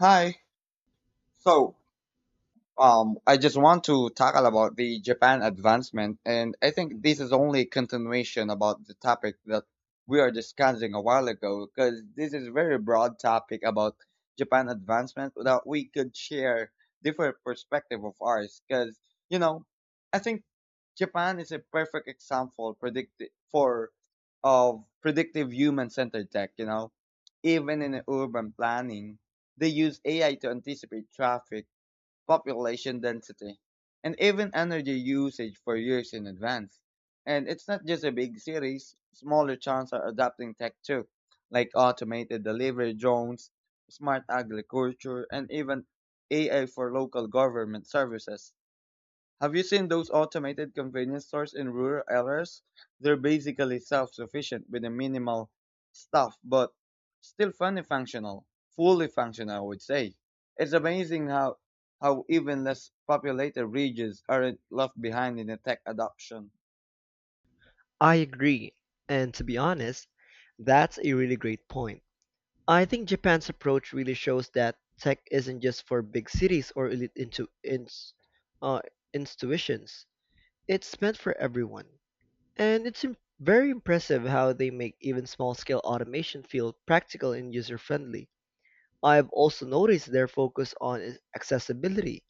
Hi. So, I just want to tackle about the Japan advancement, and I think this is only continuation about the topic that we are discussing a while ago, because this is very broad topic about Japan advancement that we could share different perspective of ours, because you know, I think Japan is a perfect example predict for of predictive human centered tech. You know, even in urban planning, they use AI to anticipate traffic population density, and even energy usage for years in advance. And it's not just a big cities, smaller towns are adopting tech too, like automated delivery drones, smart agriculture, and even AI for local government services. Have you seen those automated convenience stores in rural areas? They're basically self-sufficient with a minimal stuff, but still fully functional, I would say. It's amazing how even less populated regions aren't left behind in the tech adoption. I agree. And to be honest, that's a really great point. I think Japan's approach really shows that tech isn't just for big cities or elite uh, institutions. It's meant for everyone. And it's very impressive how they make even small scale automation feel practical and user friendly. I've also noticed their focus on accessibility.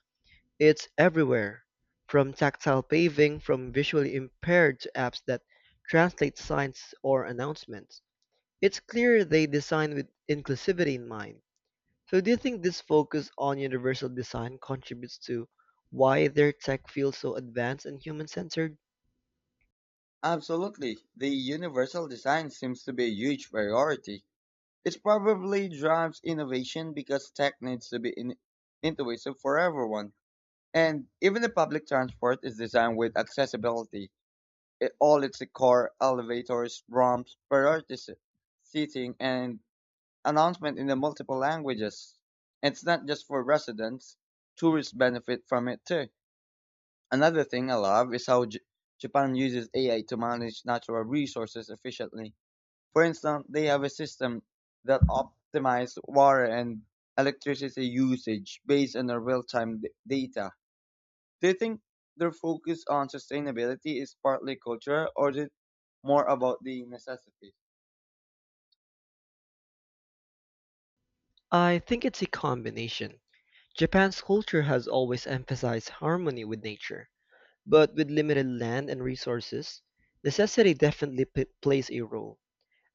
It's everywhere, from tactile paving from visually impaired to apps that translate signs or announcements. It's clear they design with inclusivity in mind. So do you think this focus on universal design contributes to why their tech feels so advanced and human-centered? Absolutely, the universal design seems to be a huge priority. It probably drives innovation because tech needs to be intuitive for everyone. And even the public transport is designed with accessibility. It, all its core elevators, ramps, priority seating, and announcement in the multiple languages. It's not just for residents; tourists benefit from it too. Another thing I love is how Japan uses AI to manage natural resources efficiently. For instance, they have a system that optimizes water and electricity usage based on the real-time data. Do you think their focus on sustainability is partly cultural or is it more about the necessity? I think it's a combination. Japan's culture has always emphasized harmony with nature, but with limited land and resources, necessity definitely plays a role.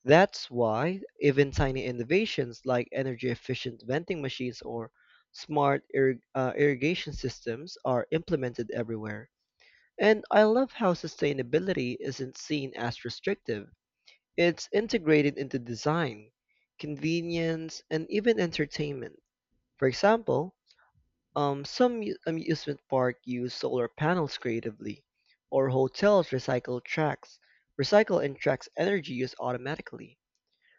That's why even tiny innovations like energy-efficient vending machines or irrigation systems are implemented everywhere. And I love how sustainability isn't seen as restrictive. It's integrated into design, convenience, and even entertainment. For example, some amusement park use solar panels creatively, or hotels recycle and tracks energy use automatically.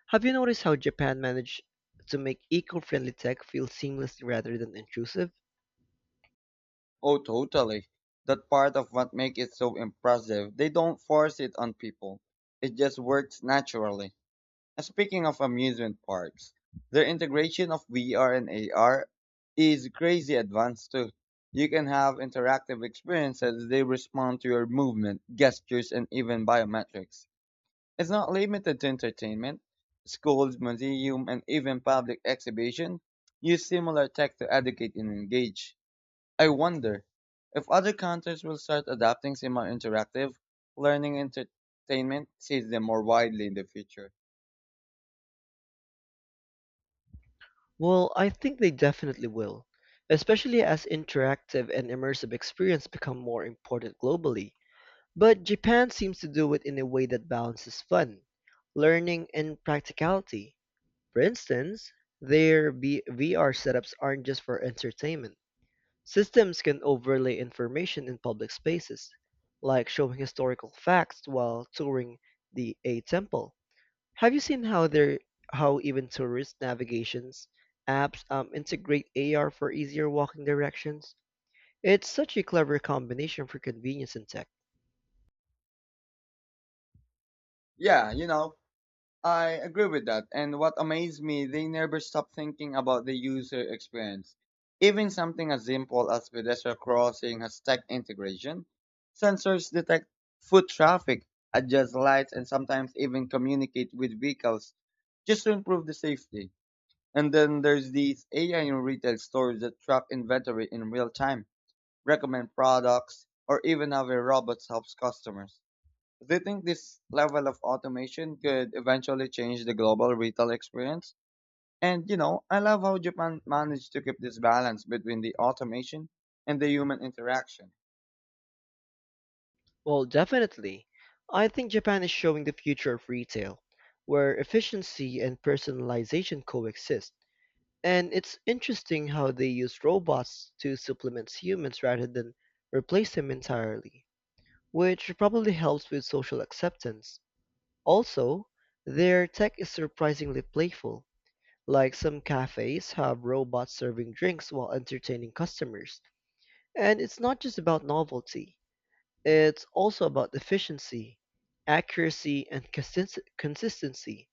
Have you noticed how Japan managed to make eco-friendly tech feel seamless rather than intrusive? Oh, totally. That part of what makes it so impressive. They don't force it on people. It just works naturally. And speaking of amusement parks, their integration of VR and AR is crazy advanced too. You can have interactive experiences. They respond to your movement, gestures, and even biometrics. It's not limited to entertainment. Schools, museums, and even public exhibitions use similar tech to educate and engage. I wonder if other countries will start adopting similar interactive learning entertainment system more widely in the future. Well, I think they definitely will, especially as interactive and immersive experience become more important globally. But Japan seems to do it in a way that balances fun, learning, and practicality. For instance, their VR setups aren't just for entertainment. Systems can overlay information in public spaces, like showing historical facts while touring the a temple. Have you seen how they how even tourist navigations apps integrate AR for easier walking directions? It's such a clever combination for convenience and tech. Yeah, you know, I agree with that. And what amazed me, they never stop thinking about the user experience. Even something as simple as pedestrian crossing has tech integration. Sensors detect foot traffic, adjust lights, and sometimes even communicate with vehicles just to improve the safety. And then there's these AI in retail stores that track inventory in real time, recommend products, or even have a robot helps customers. Do you think this level of automation could eventually change the global retail experience? And you know, I love how Japan managed to keep this balance between the automation and the human interaction. Well, definitely. I think Japan is showing the future of retail, where efficiency and personalization coexist. And it's interesting how they use robots to supplement humans rather than replace them entirely, which probably helps with social acceptance. Also, their tech is surprisingly playful. Like some cafes have robots serving drinks while entertaining customers. And it's not just about novelty, it's also about efficiency, accuracy, and consistency.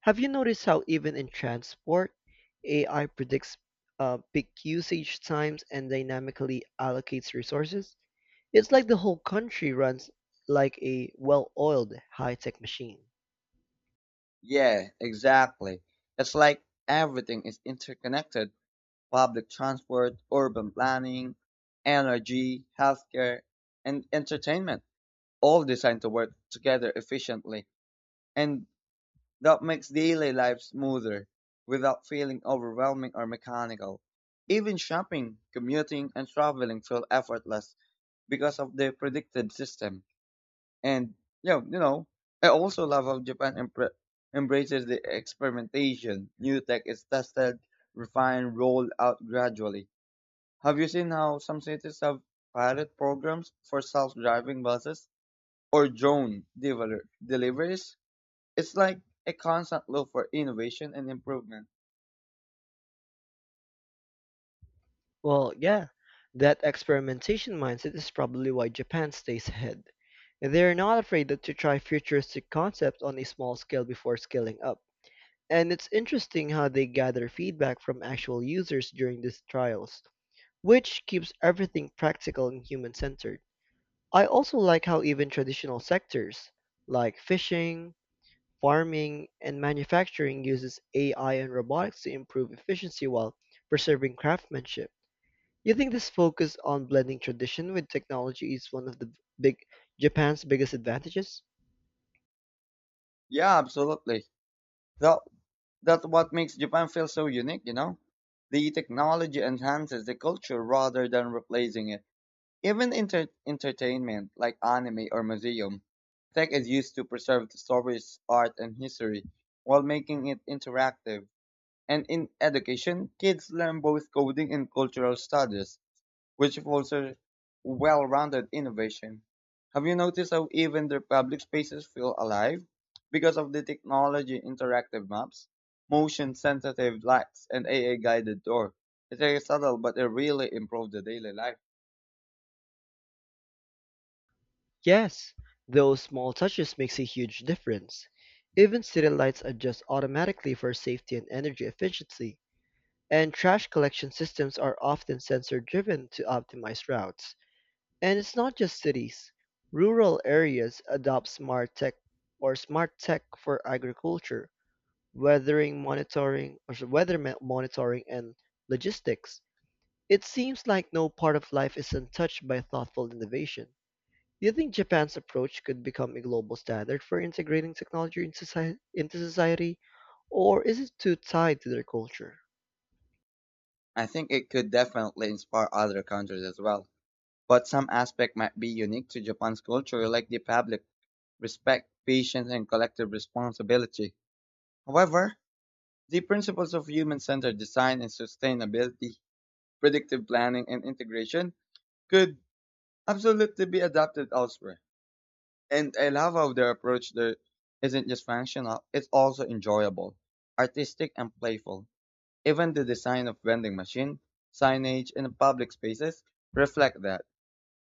Have you noticed how even in transport, AI predicts peak usage times and dynamically allocates resources? It's like the whole country runs like a well-oiled high-tech machine. Yeah, exactly. It's like everything is interconnected: public transport, urban planning, energy, healthcare, and entertainment, all designed to work together efficiently. And that makes daily life smoother without feeling overwhelming or mechanical. Even shopping, commuting, and traveling feel effortless because of the predicted system. And you know, I also love how Japan embraces the experimentation. New tech is tested, refined, rolled out gradually. Have you seen how some cities have pilot programs for self-driving buses or drone deliveries? It's like a constant look for innovation and improvement. Well, yeah, that experimentation mindset is probably why Japan stays ahead. They're not afraid to try futuristic concepts on a small scale before scaling up. And it's interesting how they gather feedback from actual users during these trials, which keeps everything practical and human-centered. I also like how even traditional sectors like fishing, farming, and manufacturing uses AI and robotics to improve efficiency while preserving craftsmanship. You think this focus on blending tradition with technology is one of the big Japan's biggest advantages? Yeah, absolutely. That, that's what makes Japan feel so unique, you know? The technology enhances the culture rather than replacing it. Even entertainment, like anime or museum, tech is used to preserve the stories, art, and history while making it interactive. And in education, kids learn both coding and cultural studies, which fosters well-rounded innovation. Have you noticed how even their public spaces feel alive? Because of the technology, interactive maps, motion-sensitive lights, and ai guided tour. It's very subtle, but it really improved the daily life. Yes, those small touches makes a huge difference. Even city lights adjust automatically for safety and energy efficiency. And trash collection systems are often sensor driven to optimize routes. And it's not just cities. Rural areas adopt smart tech or smart tech for agriculture, weathering monitoring or s- weather ma- monitoring and logistics. It seems like no part of life is untouched by thoughtful innovation. Do you think Japan's approach could become a global standard for integrating technology into society, or is it too tied to their culture? I think it could definitely inspire other countries as well. But some aspect might be unique to Japan's culture, like the public respect, patience, and collective responsibility. However, the principles of human-centered design and sustainability, predictive planning, and integration could absolutely be adapted elsewhere. And I love how their approach there isn't just functional, it's also enjoyable, artistic, and playful. Even the design of vending machine, signage, and public spaces reflect that.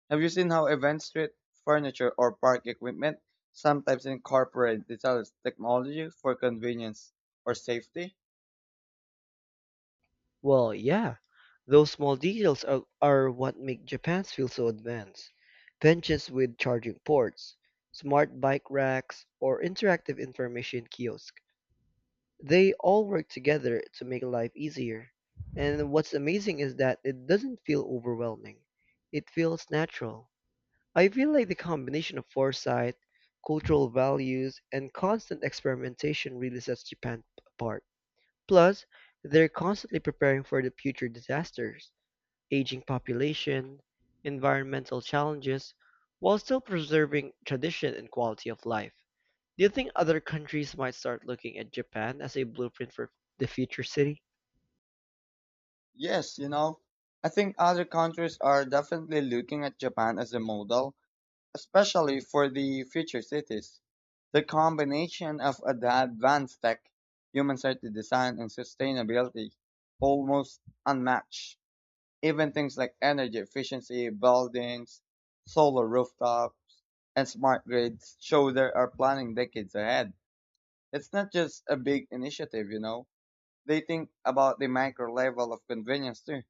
Have you seen how event street, furniture, or park equipment sometimes incorporate digital technology for convenience or safety? Well, yeah, those small details are what make Japan feel so advanced. Benches with charging ports, smart bike racks, or interactive information kiosk. They all work together to make life easier. And what's amazing is that it doesn't feel overwhelming. It feels natural. I feel like the combination of foresight, cultural values, and constant experimentation really sets Japan apart. Plus, they're constantly preparing for the future disasters, aging population, environmental challenges, while still preserving tradition and quality of life. Do you think other countries might start looking at Japan as a blueprint for the future city? Yes, you know, I think other countries are definitely looking at Japan as a model. Especially for the future cities, the combination of advanced tech, human-centered design, and sustainability almost unmatched. Even things like energy efficiency, buildings, solar rooftops, and smart grids show they are planning decades ahead. It's not just a big initiative, you know. They think about the micro level of convenience too.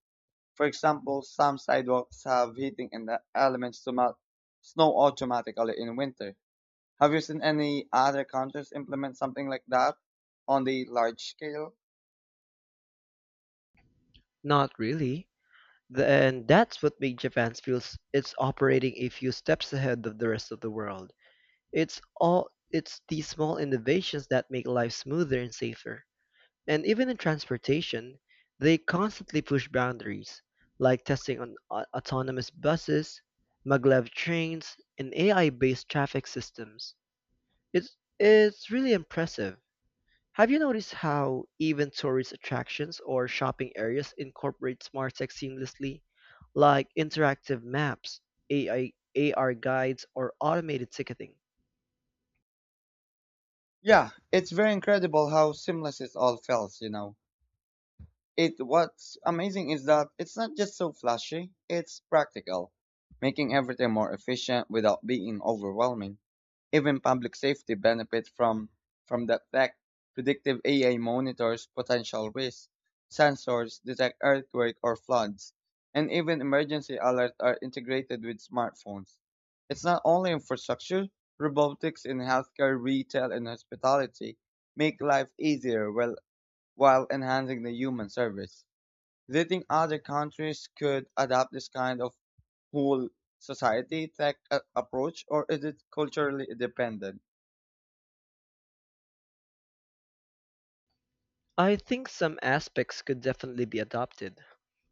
For example, some sidewalks have heating and the elements to melt snow automatically in winter. Have you seen any other countries implement something like that on the large scale? Not really. And that's what made Japan it's operating a few steps ahead of the rest of the world. It's these small innovations that make life smoother and safer. And even in transportation, they constantly push boundaries, like testing on autonomous buses, maglev trains, and AI-based traffic systems. It's really impressive. Have you noticed how even tourist attractions or shopping areas incorporate smart tech seamlessly, like interactive maps, AI, AR guides, or automated ticketing? Yeah, it's very incredible how seamless it all feels, you know. It what's amazing is that it's not just so flashy, it's practical, making everything more efficient without being overwhelming. Even public safety benefits from the fact predictive AI monitors potential risks, sensors detect earthquake or floods, and even emergency alerts are integrated with smartphones. It's not only infrastructure, robotics in healthcare, retail, and hospitality make life easier while enhancing the human service. Do you think other countries could adopt this kind of whole society tech approach, or is it culturally dependent? I think some aspects could definitely be adopted,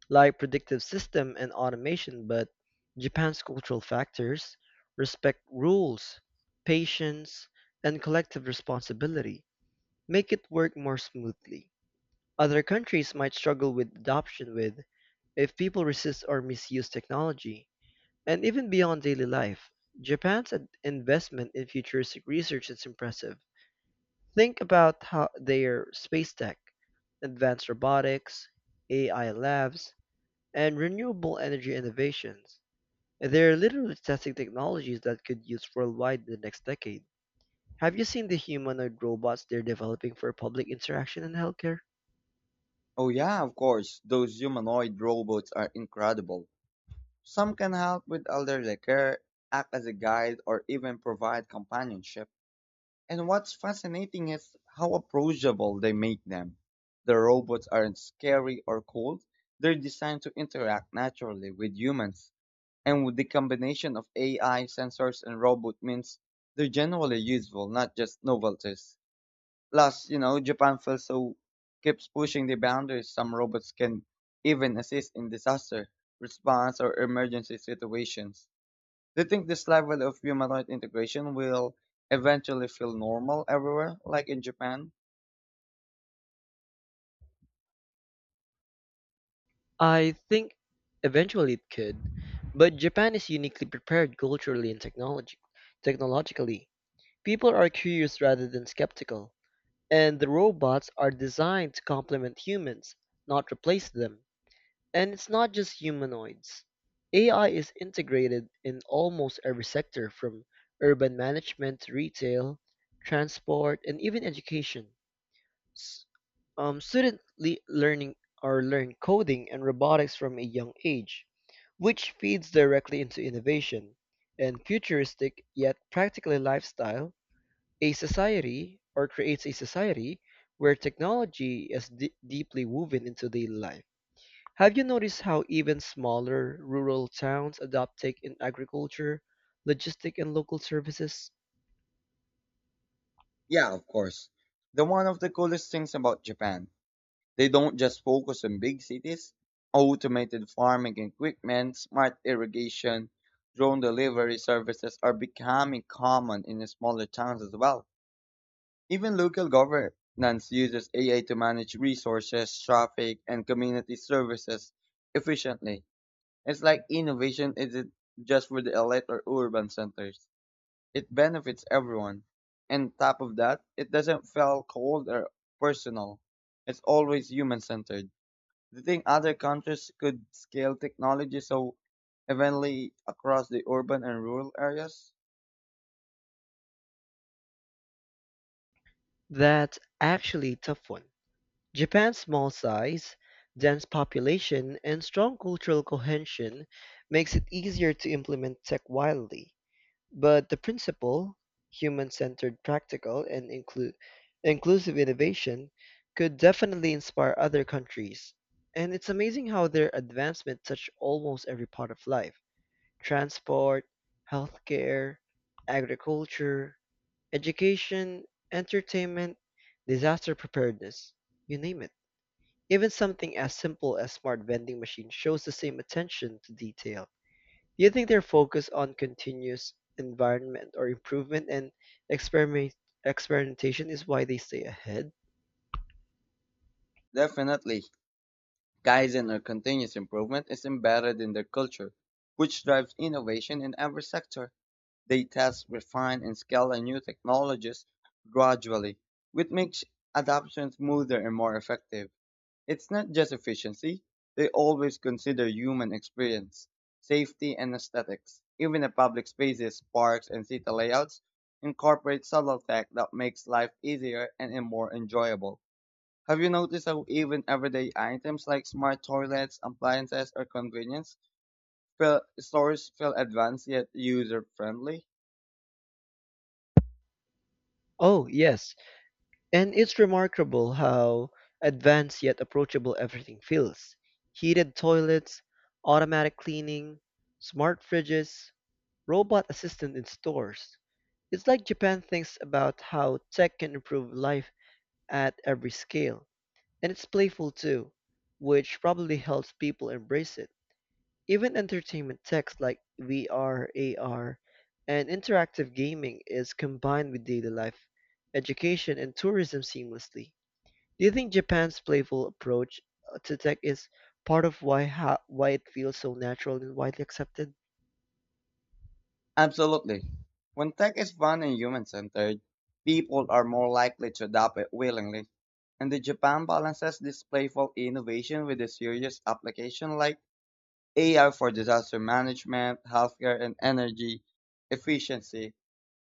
like predictive system and automation, but Japan's cultural factors respect rules, patience, and collective responsibility make it work more smoothly. Other countries might struggle with adoption with if people resist or misuse technology. And even beyond daily life, investment in futuristic research is impressive. Think about how their space tech, advanced robotics, AI labs, and renewable energy innovations. They're literally testing technologies that could use worldwide in the next decade. Have you seen the humanoid robots they're developing for public interaction in healthcare? Oh yeah, of course. Those humanoid robots are incredible. Some can help with elderly care, act as a guide, or even provide companionship. And what's fascinating is how approachable they make them. The robots aren't scary or cold. They're designed to interact naturally with humans. And with the combination of AI sensors and robot means they're generally useful, not just novelties. Plus, you know, Japan also keeps pushing the boundaries. Some robots can even assist in disaster response or emergency situations. Do you think this level of humanoid integration will eventually feel normal everywhere, like in Japan? I think eventually it could, but Japan is uniquely prepared culturally and technology technologically. People are curious rather than skeptical, and the robots are designed to complement humans, not replace them. And it's not just humanoids. AI is integrated in almost every sector from urban management to retail, transport, and even education. S- Students learn coding and robotics from a young age, which feeds directly into innovation and futuristic yet practical lifestyle. A society or creates a society where technology is deeply woven into daily life. Have you noticed how even smaller rural towns adopt tech in agriculture, logistic, and local services? Yeah, of course. The one of the coolest things about Japan, they don't just focus on big cities, automated farming equipment, smart irrigation, drone delivery services are becoming common in the smaller towns as well. Even local governance uses AI to manage resources, traffic, and community services efficiently. It's like innovation isn't just for the elite or urban centers. It benefits everyone. And top of that, it doesn't feel cold or personal. It's always human centered. Do you think other countries could scale technology so evenly across the urban and rural areas? That's actually a tough one. Japan's small size, dense population, and strong cultural cohesion makes it easier to implement tech widely. But the principle, human-centered, practical, and inclusive innovation, could definitely inspire other countries. And it's amazing how their advancement touch almost every part of life: transport, healthcare, agriculture, education, entertainment, disaster preparedness, you name it. Even something as simple as smart vending machines shows the same attention to detail. Do you think their focus on continuous environment or improvement and experiment experimentation is why they stay ahead? Definitely. Kaizen or continuous improvement is embedded in their culture, which drives innovation in every sector. They test, refine, and scale the new technologies gradually, which makes adoption smoother and more effective. It's not just efficiency, they always consider human experience, safety, and aesthetics. Even the public spaces, parks, and city layouts incorporate subtle tech that makes life easier and more enjoyable. Have you noticed how even everyday items like smart toilets, appliances, or stores feel advanced yet user friendly? Oh, yes. And it's remarkable how advanced yet approachable everything feels. Heated toilets, automatic cleaning, smart fridges, robot assistant in stores. It's like Japan thinks about how tech can improve life at every scale. And it's playful too, which probably helps people embrace it. Even entertainment text like VR, AR, and interactive gaming is combined with daily life, education, and tourism seamlessly. Do you think Japan's playful approach to tech is part of why why it feels so natural and widely accepted? Absolutely. When tech is fun and human centered, people are more likely to adopt it willingly. And the Japan balances this playful innovation with a serious application like AI for disaster management, healthcare, and energy efficiency.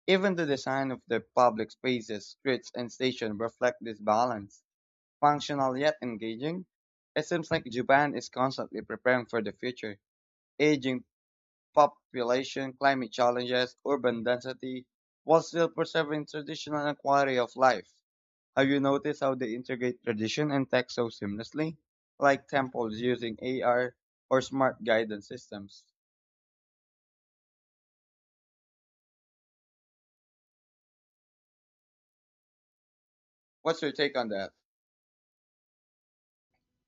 Even the design of their public spaces, streets, and stations reflect this balance. Functional yet engaging, it seems like Japan is constantly preparing for the future, aging population, climate challenges, urban density, while still preserving traditional and quality of life. Have you noticed how they integrate tradition and tech so seamlessly? Like temples using AR or smart guidance systems. What's your take on that?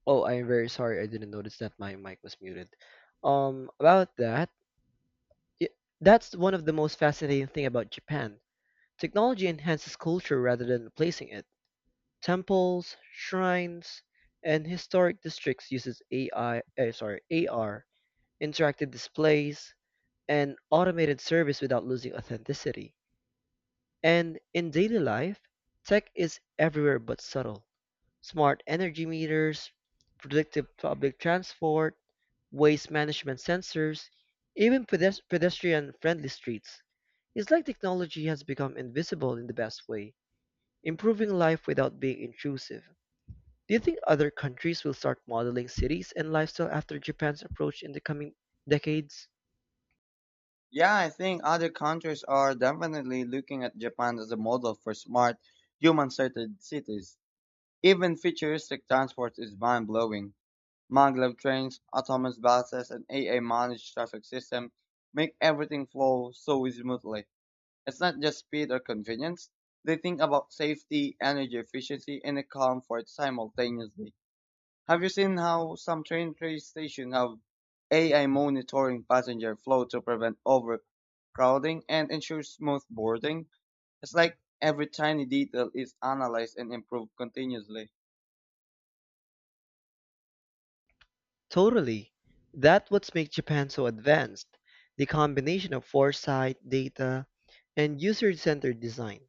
Oh, I am very sorry. I didn't notice that my mic was muted. About that, y that's one of the most fascinating thing about Japan. Technology enhances culture rather than replacing it. Temples, shrines, and historic districts uses AR, interactive displays, and automated service without losing authenticity. And in daily life, tech is everywhere but subtle. Smart energy meters, predictive public transport, waste management sensors, even pedestrian-friendly streets. It's like technology has become invisible in the best way, improving life without being intrusive. Do you think other countries will start modeling cities and lifestyle after Japan's approach in the coming decades? Yeah, I think other countries are definitely looking at Japan as a model for smart, human-centered cities. Even futuristic transport is mind-blowing. Maglev trains, autonomous buses, and AI-managed traffic system make everything flow so smoothly. It's not just speed or convenience. They think about safety, energy efficiency, and the comfort simultaneously. Have you seen how some train stations have AI monitoring passenger flow to prevent overcrowding and ensure smooth boarding? It's like every tiny detail is analyzed and improved continuously. Totally. That's what makes Japan so advanced. The combination of foresight, data, and user-centered design.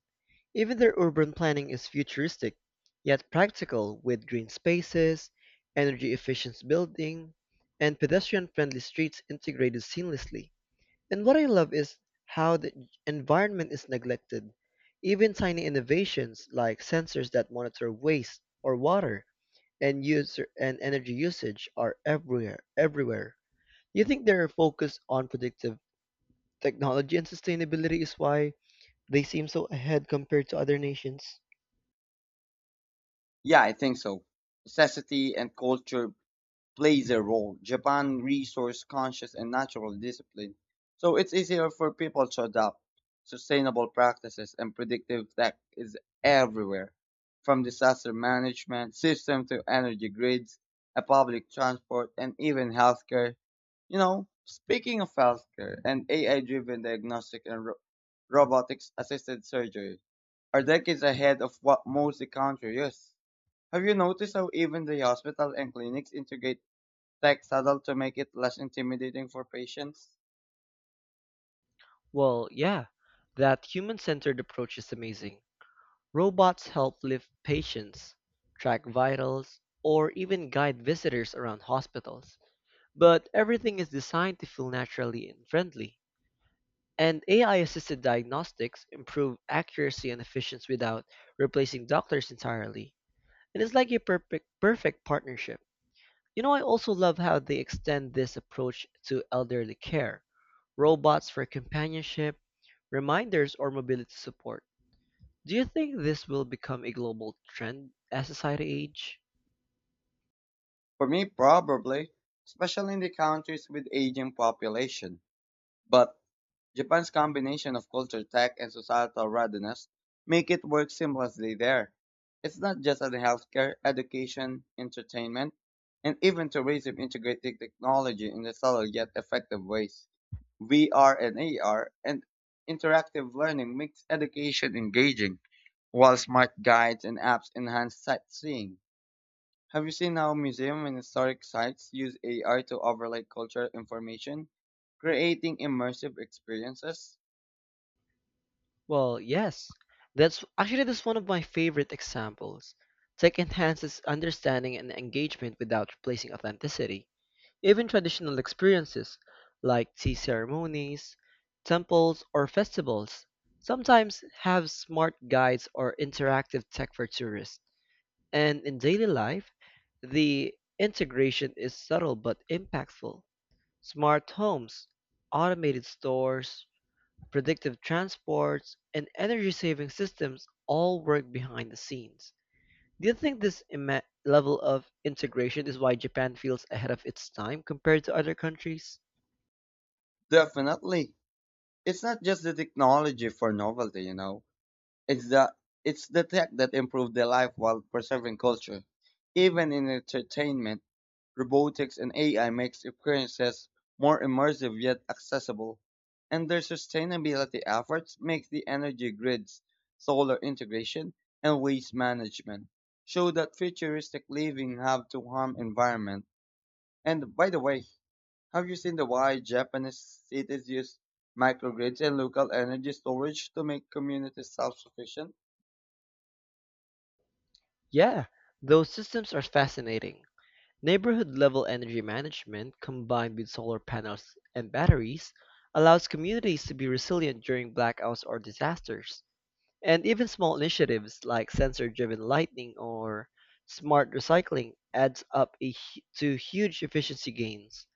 Even their urban planning is futuristic, yet practical with green spaces, energy-efficient building, and pedestrian-friendly streets integrated seamlessly. And what I love is how the environment is neglected. Even tiny innovations like sensors that monitor waste or water and user and energy usage are everywhere. Everywhere. You think their focus on predictive technology and sustainability is why they seem so ahead compared to other nations? Yeah, I think so. Necessity and culture plays a role. Japan resource conscious and natural discipline. So it's easier for people to adopt sustainable practices and predictive tech is everywhere. From disaster management system to energy grids, a public transport and even healthcare. You know, speaking of healthcare and AI driven diagnostic and robotics assisted surgery are decades ahead of what most the country is. Have you noticed how even the hospital and clinics integrate tech subtle to make it less intimidating for patients? Well, yeah, that human centered approach is amazing. Robots help lift patients, track vitals, or even guide visitors around hospitals. But everything is designed to feel naturally and friendly. And AI assisted diagnostics improve accuracy and efficiency without replacing doctors entirely. And it's like a perfect partnership. You know, I also love how they extend this approach to elderly care robots for companionship, reminders, or mobility support. Do you think this will become a global trend as society age? For me, probably, especially in the countries with aging population. But Japan's combination of culture, tech, and societal readiness make it work seamlessly there. It's not just in healthcare, education, entertainment, and even tourism integrating technology in the subtle yet effective ways. VR and AR and interactive learning makes education engaging, while smart guides and apps enhance sightseeing. Have you seen how museum and historic sites use AR to overlay cultural information, creating immersive experiences? Well, yes. That's one of my favorite examples. Tech enhances understanding and engagement without replacing authenticity. Even traditional experiences like tea ceremonies, temples, or festivals sometimes have smart guides or interactive tech for tourists. And in daily life, the integration is subtle but impactful. Smart homes, automated stores, predictive transports, and energy saving systems all work behind the scenes. Do you think this level of integration is why Japan feels ahead of its time compared to other countries? Definitely. It's not just the technology for novelty, you know. It's the it's the tech that improved their life while preserving culture. Even in entertainment, robotics and AI makes experiences more immersive yet accessible. And their sustainability efforts make the energy grids, solar integration, and waste management show that futuristic living have to harm environment. And by the way, have you seen the why Japanese cities use microgrids and local energy storage to make communities self-sufficient? Yeah, those systems are fascinating. Neighborhood level energy management combined with solar panels and batteries allows communities to be resilient during blackouts or disasters. And even small initiatives like sensor-driven lighting or smart recycling adds up a hu- to huge efficiency gains.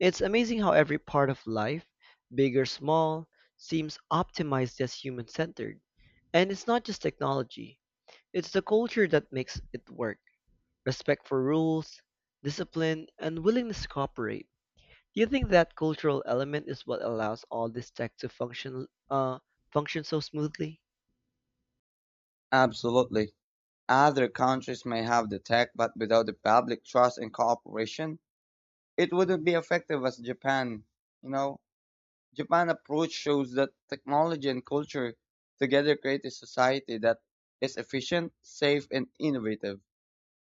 It's amazing how every part of life, big or small, seems optimized as human-centered. And it's not just technology, it's the culture that makes it work. Respect for rules, discipline, and willingness to cooperate. Do you think that cultural element is what allows all this tech to function so smoothly? Absolutely. Other countries may have the tech, but without the public trust and cooperation, it wouldn't be effective as Japan. You know, Japan approach shows that technology and culture together create a society that is efficient, safe, and innovative.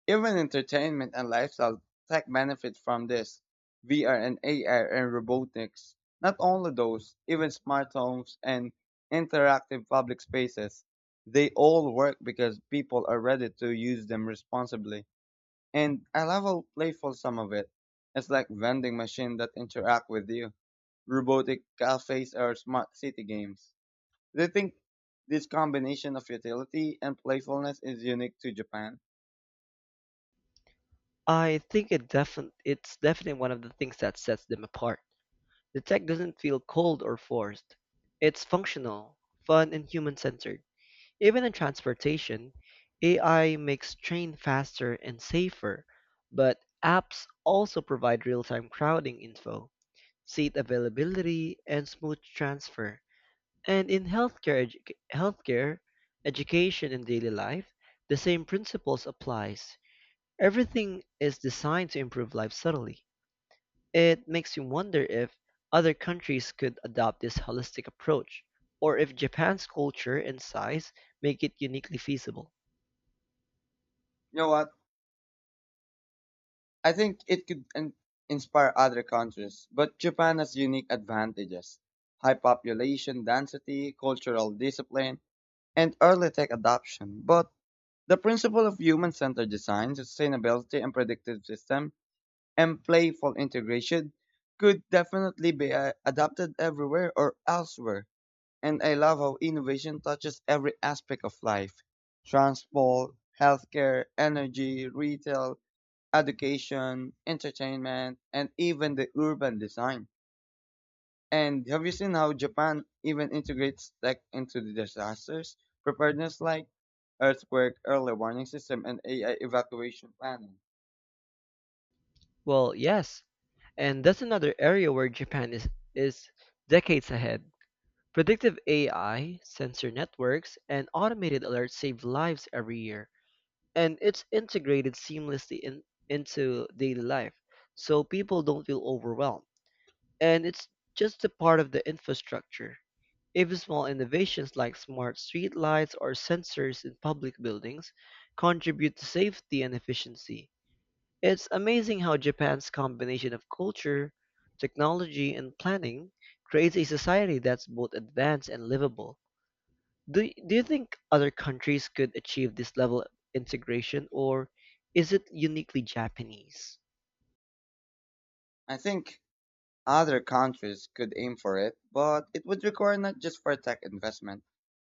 Even entertainment and lifestyle tech benefit from this. VR and AI and robotics. Not only those, even smart homes and interactive public spaces. They all work because people are ready to use them responsibly. And I love how playful some of it. It's like vending machines that interact with you, robotic cafes or smart city games. Do you think this combination of utility and playfulness is unique to Japan? I think it's definitely one of the things that sets them apart. The tech doesn't feel cold or forced. It's functional, fun, and human-centered. Even in transportation, AI makes train faster and safer, but apps also provide real-time crowding info, seat availability, and smooth transfer. And in healthcare, healthcare, education, and daily life, the same principles applies. Everything is designed to improve life subtly. It makes you wonder if other countries could adopt this holistic approach, or if Japan's culture and size make it uniquely feasible. You know what? I think it could inspire other countries, but Japan has unique advantages: high population density, cultural discipline, and early tech adoption. But the principle of human centered design, sustainability, and predictive system, and playful integration could definitely be adapted everywhere or elsewhere. And I love how innovation touches every aspect of life: transport, healthcare, energy, retail, education, entertainment, and even the urban design. And have you seen how Japan even integrates tech into the disasters preparedness like earthquake early warning system and AI evacuation planning? Well, yes, and that's another area where is decades ahead. Predictive AI, sensor networks, and automated alerts save lives every year, and it's integrated seamlessly into daily life, so people don't feel overwhelmed. And it's just a part of the infrastructure. Even small innovations like smart streetlights or sensors in public buildings contribute to safety and efficiency. It's amazing how Japan's combination of culture, technology, and planning creates a society that's both advanced and livable. Do you think other countries could achieve this level of integration, or is it uniquely Japanese? I think other countries could aim for it, but it would require not just for tech investment,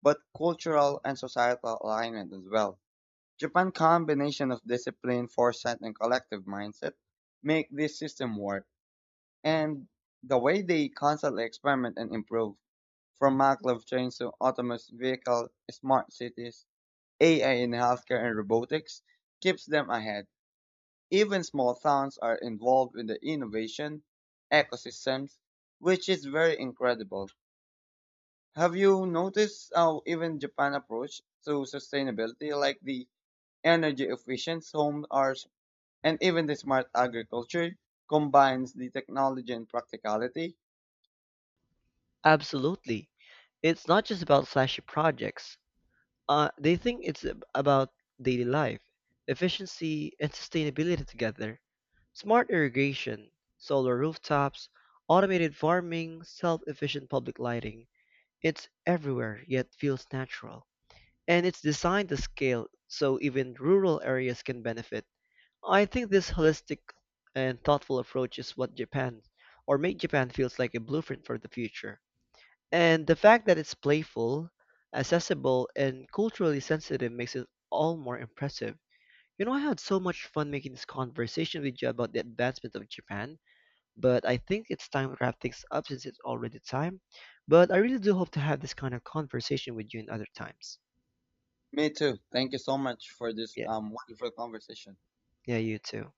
but cultural and societal alignment as well. Japan's combination of discipline, foresight, and collective mindset make this system work. And the way they constantly experiment and improve, from maglev trains to autonomous vehicle, smart cities, AI in healthcare and robotics, keeps them ahead. Even small towns are involved in the innovation ecosystems, which is very incredible. Have you noticed how even Japan approach to sustainability, like the energy efficient homes are, and even the smart agriculture, combines the technology and practicality? Absolutely. It's not just about flashy projects. They think about daily life, efficiency, and sustainability together. Smart irrigation, solar rooftops, automated farming, self-efficient public lighting. It's everywhere, yet feels natural. And it's designed to scale so even rural areas can benefit. I think this holistic and thoughtful approach is what Japan or make Japan feels like a blueprint for the future. And the fact that it's playful, accessible, and culturally sensitive makes it all more impressive. You know, I had so much fun making this conversation with you about the advancement of Japan, but I think it's time to wrap things up since it's already time. But I really do hope to have this kind of conversation with you in other times. Me too. Thank you so much for this Yeah, wonderful conversation. yeah, you too.